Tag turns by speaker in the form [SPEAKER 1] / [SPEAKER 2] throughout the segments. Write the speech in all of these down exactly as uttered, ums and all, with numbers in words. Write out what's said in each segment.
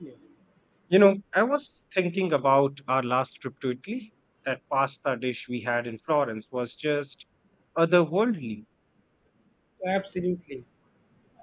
[SPEAKER 1] Yeah,
[SPEAKER 2] You know, I was thinking about our last trip to Italy. That pasta dish we had in Florence was just otherworldly.
[SPEAKER 1] absolutely.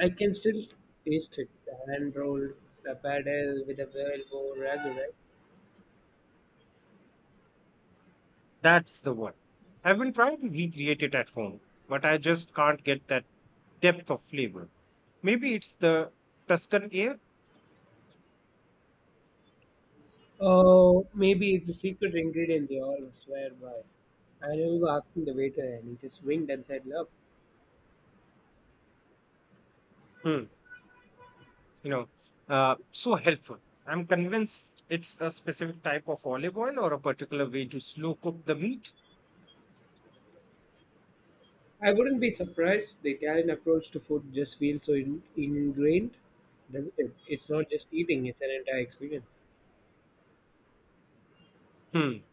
[SPEAKER 1] I can still taste it. The hand rolled, the paddle with a well ragu, right?
[SPEAKER 2] That's the one. I've been trying to recreate it at home, but I just can't get that depth of flavor. Maybe it's the Tuscan air?
[SPEAKER 1] Oh, maybe it's a secret ingredient they all swear by. I remember asking the waiter and he just winked and said, "Look,
[SPEAKER 2] Hmm. you know, uh, so helpful. I'm convinced it's a specific type of olive oil or a particular way to slow cook the meat.
[SPEAKER 1] I wouldn't be surprised, the Italian approach to food just feels so in- ingrained, doesn't it? It's not just eating, it's an entire experience."
[SPEAKER 2] Hmm,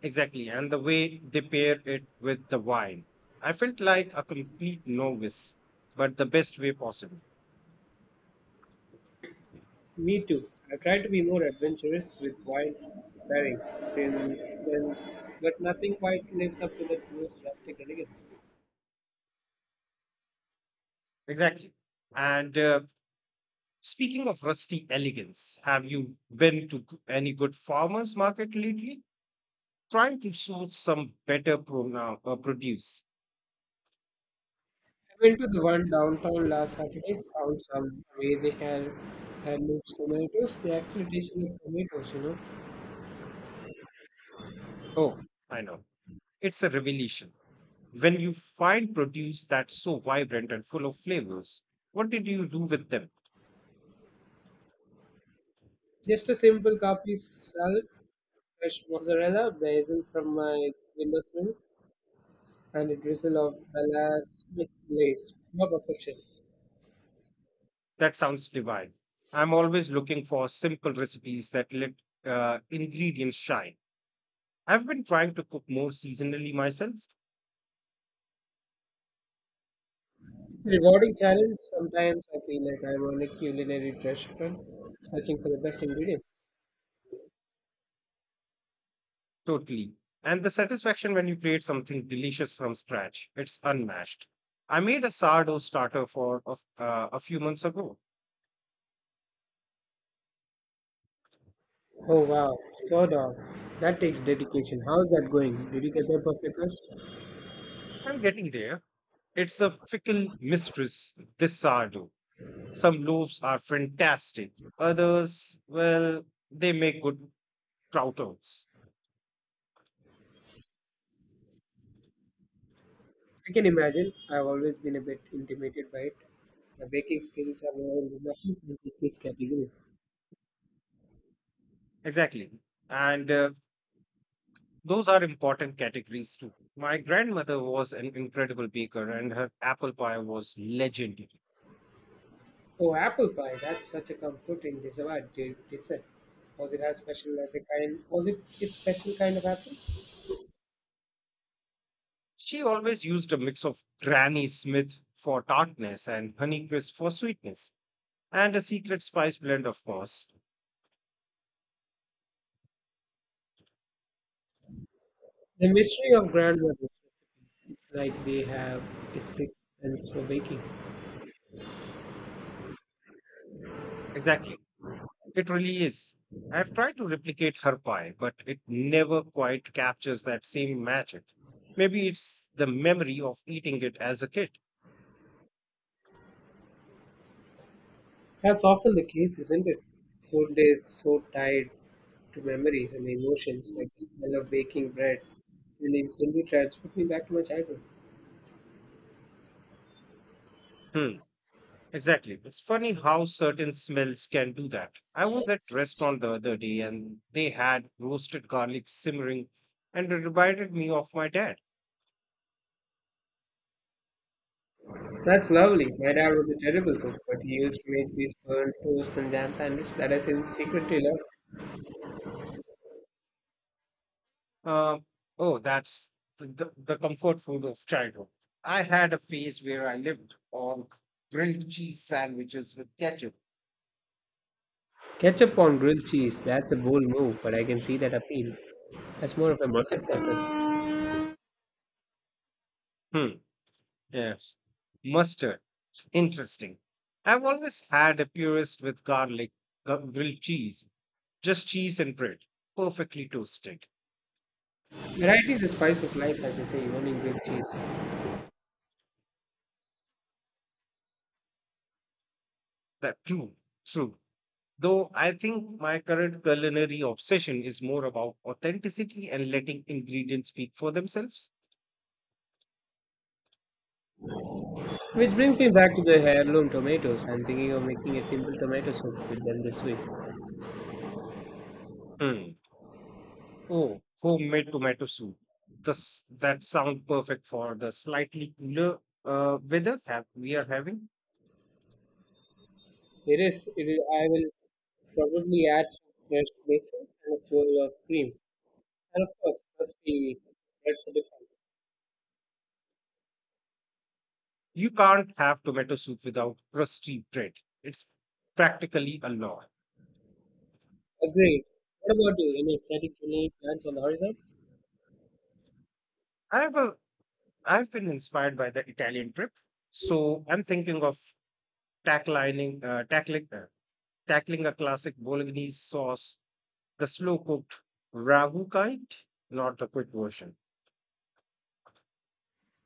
[SPEAKER 2] exactly. And the way they pair it with the wine. I felt like a complete novice, but the best way possible.
[SPEAKER 1] Me too. I try to be more adventurous with wild pairing since then, but nothing quite lives up to that most rustic elegance.
[SPEAKER 2] Exactly. And uh, Speaking of rusty elegance, have you been to g- any good farmers market lately? Trying to source some better pronoun, uh, uh, produce.
[SPEAKER 1] I went to the one downtown last Saturday, found some amazing hand, hand tomatoes. They actually taste like tomatoes, you know.
[SPEAKER 2] Oh, I know. It's a revelation. When you find produce that's so vibrant and full of flavors, what did you do with them?
[SPEAKER 1] Just a simple copy salad, fresh mozzarella, basil from my windowsill, and a drizzle of balsamic glaze. Pure perfection.
[SPEAKER 2] That sounds divine. I'm always looking for simple recipes that let uh, ingredients shine. I've been trying to cook more seasonally myself,
[SPEAKER 1] Rewarding challenge. Sometimes I feel like I'm on a culinary restaurant searching for the best ingredients.
[SPEAKER 2] totally. And the satisfaction when you create something delicious from scratch, it's unmatched. I made a sourdough starter for of, uh, a few months ago.
[SPEAKER 1] Oh wow, so dog. That takes dedication. How's that going? Did you get the perfect crust?
[SPEAKER 2] I'm getting there. It's a fickle mistress, this sourdough. Some loaves are fantastic. Others, well, they make good croutons.
[SPEAKER 1] I can imagine. I've always been a bit intimidated by it. The baking skills are more in the muffins and cookies category.
[SPEAKER 2] Exactly. And uh, Those are important categories too. My grandmother was an incredible baker and her apple pie was legendary.
[SPEAKER 1] Oh, apple pie. That's such a comforting dessert. de- Dessert. Was it as special as a kind? Was it a special kind of apple?
[SPEAKER 2] She always used a mix of Granny Smith for tartness and Honeycrisp for sweetness, and a secret spice blend, of course.
[SPEAKER 1] The mystery of grandmother's recipes, it's like they have a sixth sense for baking.
[SPEAKER 2] Exactly. It really is. I've tried to replicate her pie, but it never quite captures that same magic. Maybe it's the memory of eating it as a kid.
[SPEAKER 1] That's often the case, isn't it? Food is so tied to memories and emotions, like the smell of baking bread will instantly transport me back to my childhood.
[SPEAKER 2] Hmm, exactly. It's funny how certain smells can do that. I was at restaurant the other day and they had roasted garlic simmering and it reminded me of my dad.
[SPEAKER 1] That's lovely. My dad was a terrible cook, but he used to make these burnt toast and jam sandwich that I sin- secretly love.
[SPEAKER 2] Um, oh, that's the, the the comfort food of childhood. I had a phase where I lived on grilled cheese sandwiches with ketchup.
[SPEAKER 1] Ketchup on grilled cheese, that's a bold move, but I can see that appeal. That's more of a mustard puzzle.
[SPEAKER 2] Hmm. Yes. Mustard. Interesting. I've always had a purist with garlic, gu- grilled cheese, just cheese and bread, perfectly toasted.
[SPEAKER 1] Variety is the spice of life, as they say, even in grilled cheese.
[SPEAKER 2] That true, true. Though I think my current culinary obsession is more about authenticity and letting ingredients speak for themselves.
[SPEAKER 1] Which brings me back to the heirloom tomatoes. I'm thinking of making a simple tomato soup with them this week.
[SPEAKER 2] Hmm. Oh, homemade tomato soup. This, that sounds perfect for the slightly cooler uh, weather that we are having.
[SPEAKER 1] It is. It is I will probably add some fresh basil and a swirl of cream, and of course, firstly, bread for the fun.
[SPEAKER 2] You can't have tomato soup without crusty bread. It's practically a law.
[SPEAKER 1] Agreed. What about you? Any exciting culinary plans on the horizon?
[SPEAKER 2] I've a, I've been inspired by the Italian trip, so I'm thinking of tackling uh, tackling uh, tackling a classic bolognese sauce, the slow cooked ragu kind, not the quick version.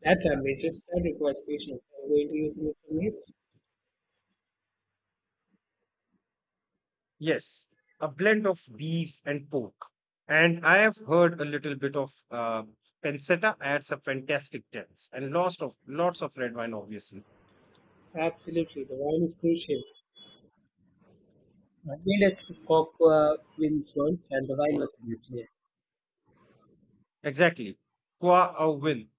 [SPEAKER 1] That's ambitious. That requires patience. I'm going to use it for minutes.
[SPEAKER 2] Yes, a blend of beef and pork. And I have heard a little bit of uh, pancetta adds a fantastic taste, and lots of lots of red wine, obviously.
[SPEAKER 1] Absolutely, the wine is crucial. I made a cock uh, wins once, and the wine was beautiful.
[SPEAKER 2] Exactly, qua au vin.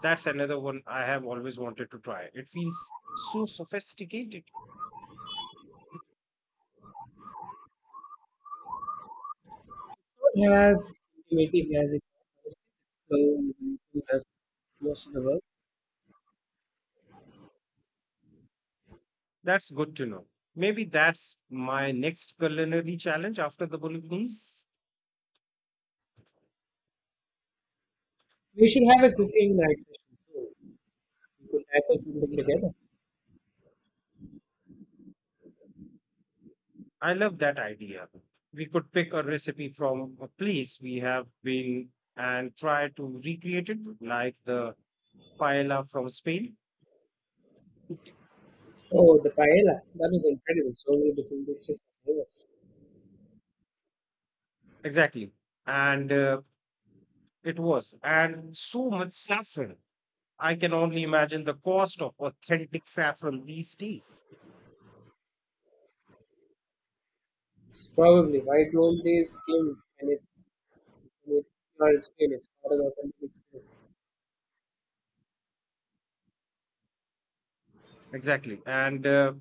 [SPEAKER 2] That's another one I have always wanted to try. It feels so sophisticated.
[SPEAKER 1] It has ultimately has a slow and mindful as most of the world.
[SPEAKER 2] That's good to know. Maybe that's my next culinary challenge after the Bolognese.
[SPEAKER 1] We should have a cooking night session soon. We could tackle something together.
[SPEAKER 2] I love that idea. We could pick a recipe from a place we have been and try to recreate it, like the paella from Spain.
[SPEAKER 1] Oh, the paella. That is incredible. So many different dishes and flavors.
[SPEAKER 2] Exactly. And uh, It was. And so much saffron. I can only imagine the cost of authentic saffron these days.
[SPEAKER 1] Probably. Why don't they skim and it's it, or it's skin? It's part of the authentic experience.
[SPEAKER 2] Exactly. And uh,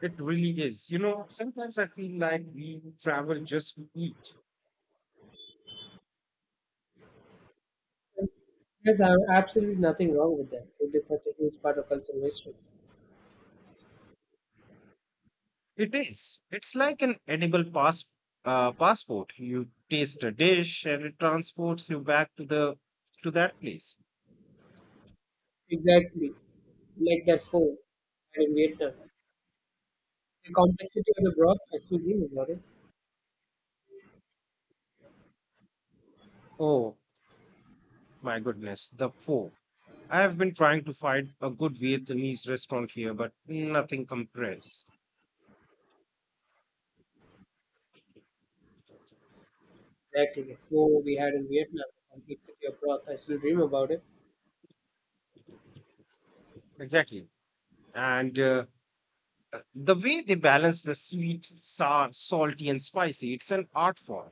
[SPEAKER 2] It really is. You know, sometimes I feel like we travel just to eat.
[SPEAKER 1] And There's a- absolutely nothing wrong with that. It is such a huge part of cultural history.
[SPEAKER 2] It is. It's like an edible pass, uh, passport. You taste a dish and it transports you back to the to that place.
[SPEAKER 1] Exactly. Like that food had in Vietnam. The complexity of the broth, I still dream about it.
[SPEAKER 2] Oh my goodness, the pho. I have been trying to find a good Vietnamese restaurant here, but nothing compares.
[SPEAKER 1] Exactly. So we had in Vietnam, the complete city of broth. I still dream about it.
[SPEAKER 2] Exactly. And uh, The way they balance the sweet, sour, salty, and spicy, it's an art form.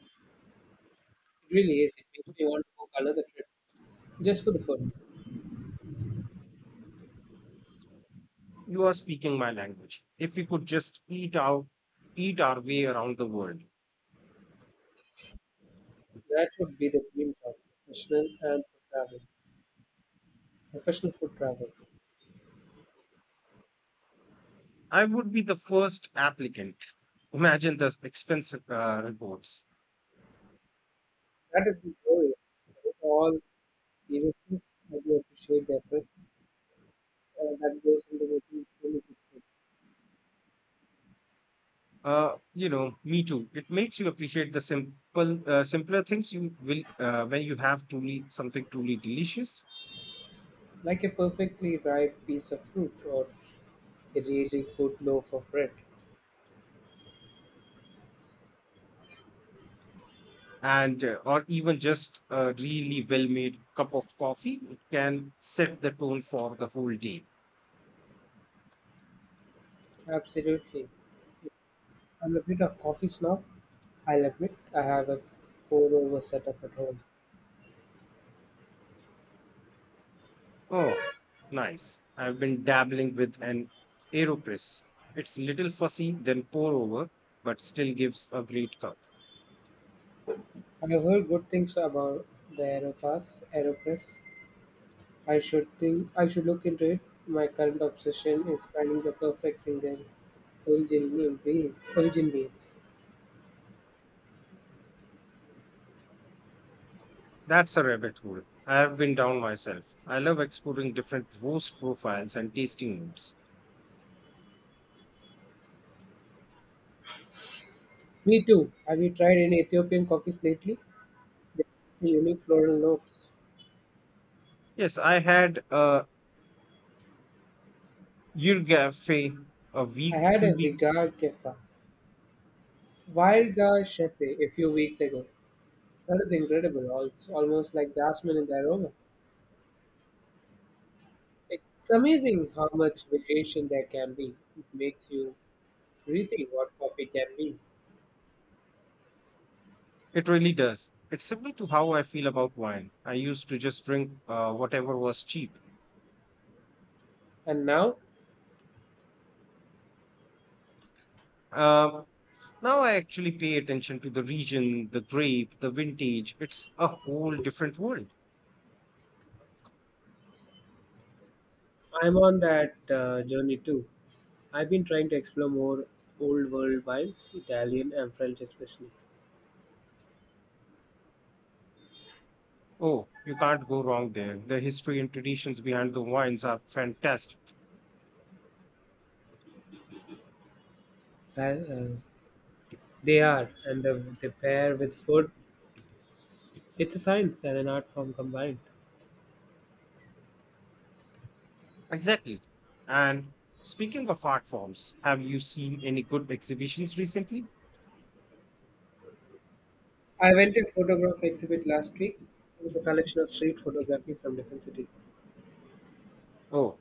[SPEAKER 1] It really is. It makes me want to book another trip just for the food.
[SPEAKER 2] You are speaking my language. If we could just eat out, eat our way around the world,
[SPEAKER 1] That would be the dream job, professional and for travel, professional food travel.
[SPEAKER 2] I would be the first applicant. Imagine the expensive uh, reports.
[SPEAKER 1] That would be glorious. With all seriousness, I do appreciate the effort uh, that goes into making really good food,
[SPEAKER 2] Uh, you know, me too. It makes you appreciate the simple, uh, simpler things you will uh, when you have truly something truly delicious.
[SPEAKER 1] like a perfectly ripe piece of fruit or a really good loaf of bread.
[SPEAKER 2] And uh, Or even just a really well made cup of coffee can set the tone for the whole day.
[SPEAKER 1] Absolutely. I'm a bit of coffee snob. I'll admit I have a pour over setup at home.
[SPEAKER 2] Oh, nice. I've been dabbling with an aeropress. It's little fussy then pour over, but still gives a great cup.
[SPEAKER 1] I've heard good things about the Aeropass, Aeropress. I should think I should look into it. My current obsession is finding the perfect single origin beans. Origin beans.
[SPEAKER 2] That's a rabbit hole I have been down myself. I love exploring different roast profiles and tasting notes.
[SPEAKER 1] Me too. Have you tried any Ethiopian coffees lately? They have the unique floral notes.
[SPEAKER 2] Yes, I had a yurgafe a
[SPEAKER 1] I
[SPEAKER 2] week
[SPEAKER 1] had
[SPEAKER 2] few
[SPEAKER 1] a
[SPEAKER 2] weeks.
[SPEAKER 1] Vigar Kefa, Virga Shefe, a few weeks ago. That is incredible. Al- It's almost like jasmine in the aroma. It's amazing how much variation there can be. It makes you rethink what coffee can be.
[SPEAKER 2] It really does. It's similar to how I feel about wine. I used to just drink uh, whatever was cheap.
[SPEAKER 1] And now
[SPEAKER 2] Um, Now I actually pay attention to the region, the grape, the vintage. It's a whole different world.
[SPEAKER 1] I'm on that uh, journey too. I've been trying to explore more old world wines, Italian and French especially.
[SPEAKER 2] Oh, you can't go wrong there. The history and traditions behind the wines are fantastic.
[SPEAKER 1] Well, uh, they are, and the, they pair with food. It's a science and an art form combined.
[SPEAKER 2] Exactly. And speaking of art forms, have you seen any good exhibitions recently?
[SPEAKER 1] I went to a photograph exhibit last week. It was a collection of street photography from different cities.
[SPEAKER 2] Oh.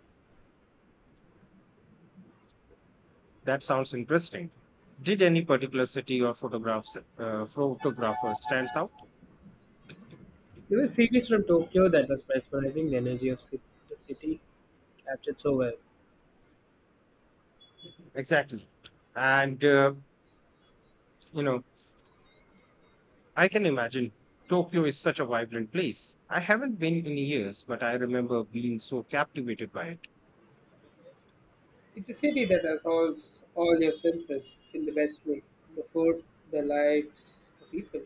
[SPEAKER 2] That sounds interesting. Did any particular city or photographs uh, photographer stands out?
[SPEAKER 1] There was a series from Tokyo that was mesmerizing, the energy of ci- the city captured so well.
[SPEAKER 2] Exactly. And uh, You know, I can imagine Tokyo is such a vibrant place. I haven't been in years, but I remember being so captivated by it.
[SPEAKER 1] It's a city that assaults all your senses in the best way, the food, the lights, the people.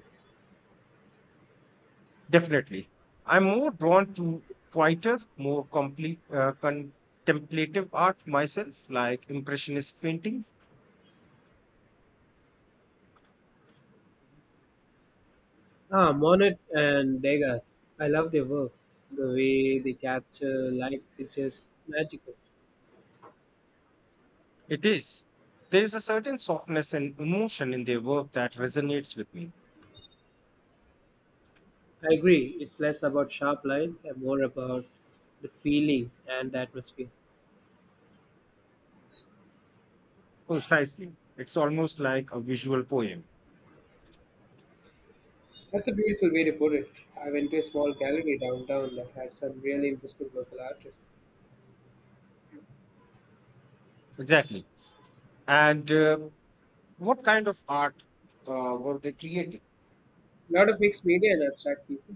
[SPEAKER 2] Definitely. I'm more drawn to quieter, more complete uh, contemplative art myself, like impressionist paintings.
[SPEAKER 1] Ah, Monet and Degas. I love their work. The way they capture light is just magical.
[SPEAKER 2] It is. There is a certain softness and emotion in their work that resonates with me.
[SPEAKER 1] I agree. It's less about sharp lines and more about the feeling and the atmosphere.
[SPEAKER 2] Precisely. It's almost like a visual poem.
[SPEAKER 1] That's a beautiful way to put it. I went to a small gallery downtown that had some really interesting local artists.
[SPEAKER 2] Exactly. And uh, What kind of art uh, were they creating?
[SPEAKER 1] Lot of mixed media and abstract pieces.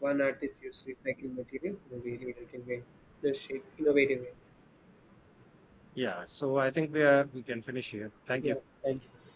[SPEAKER 1] One artist used recycled materials in a really innovative way. The shape, innovative way.
[SPEAKER 2] Yeah. So I think we, are, we can finish here. Thank
[SPEAKER 1] Yeah,
[SPEAKER 2] you.
[SPEAKER 1] thank you.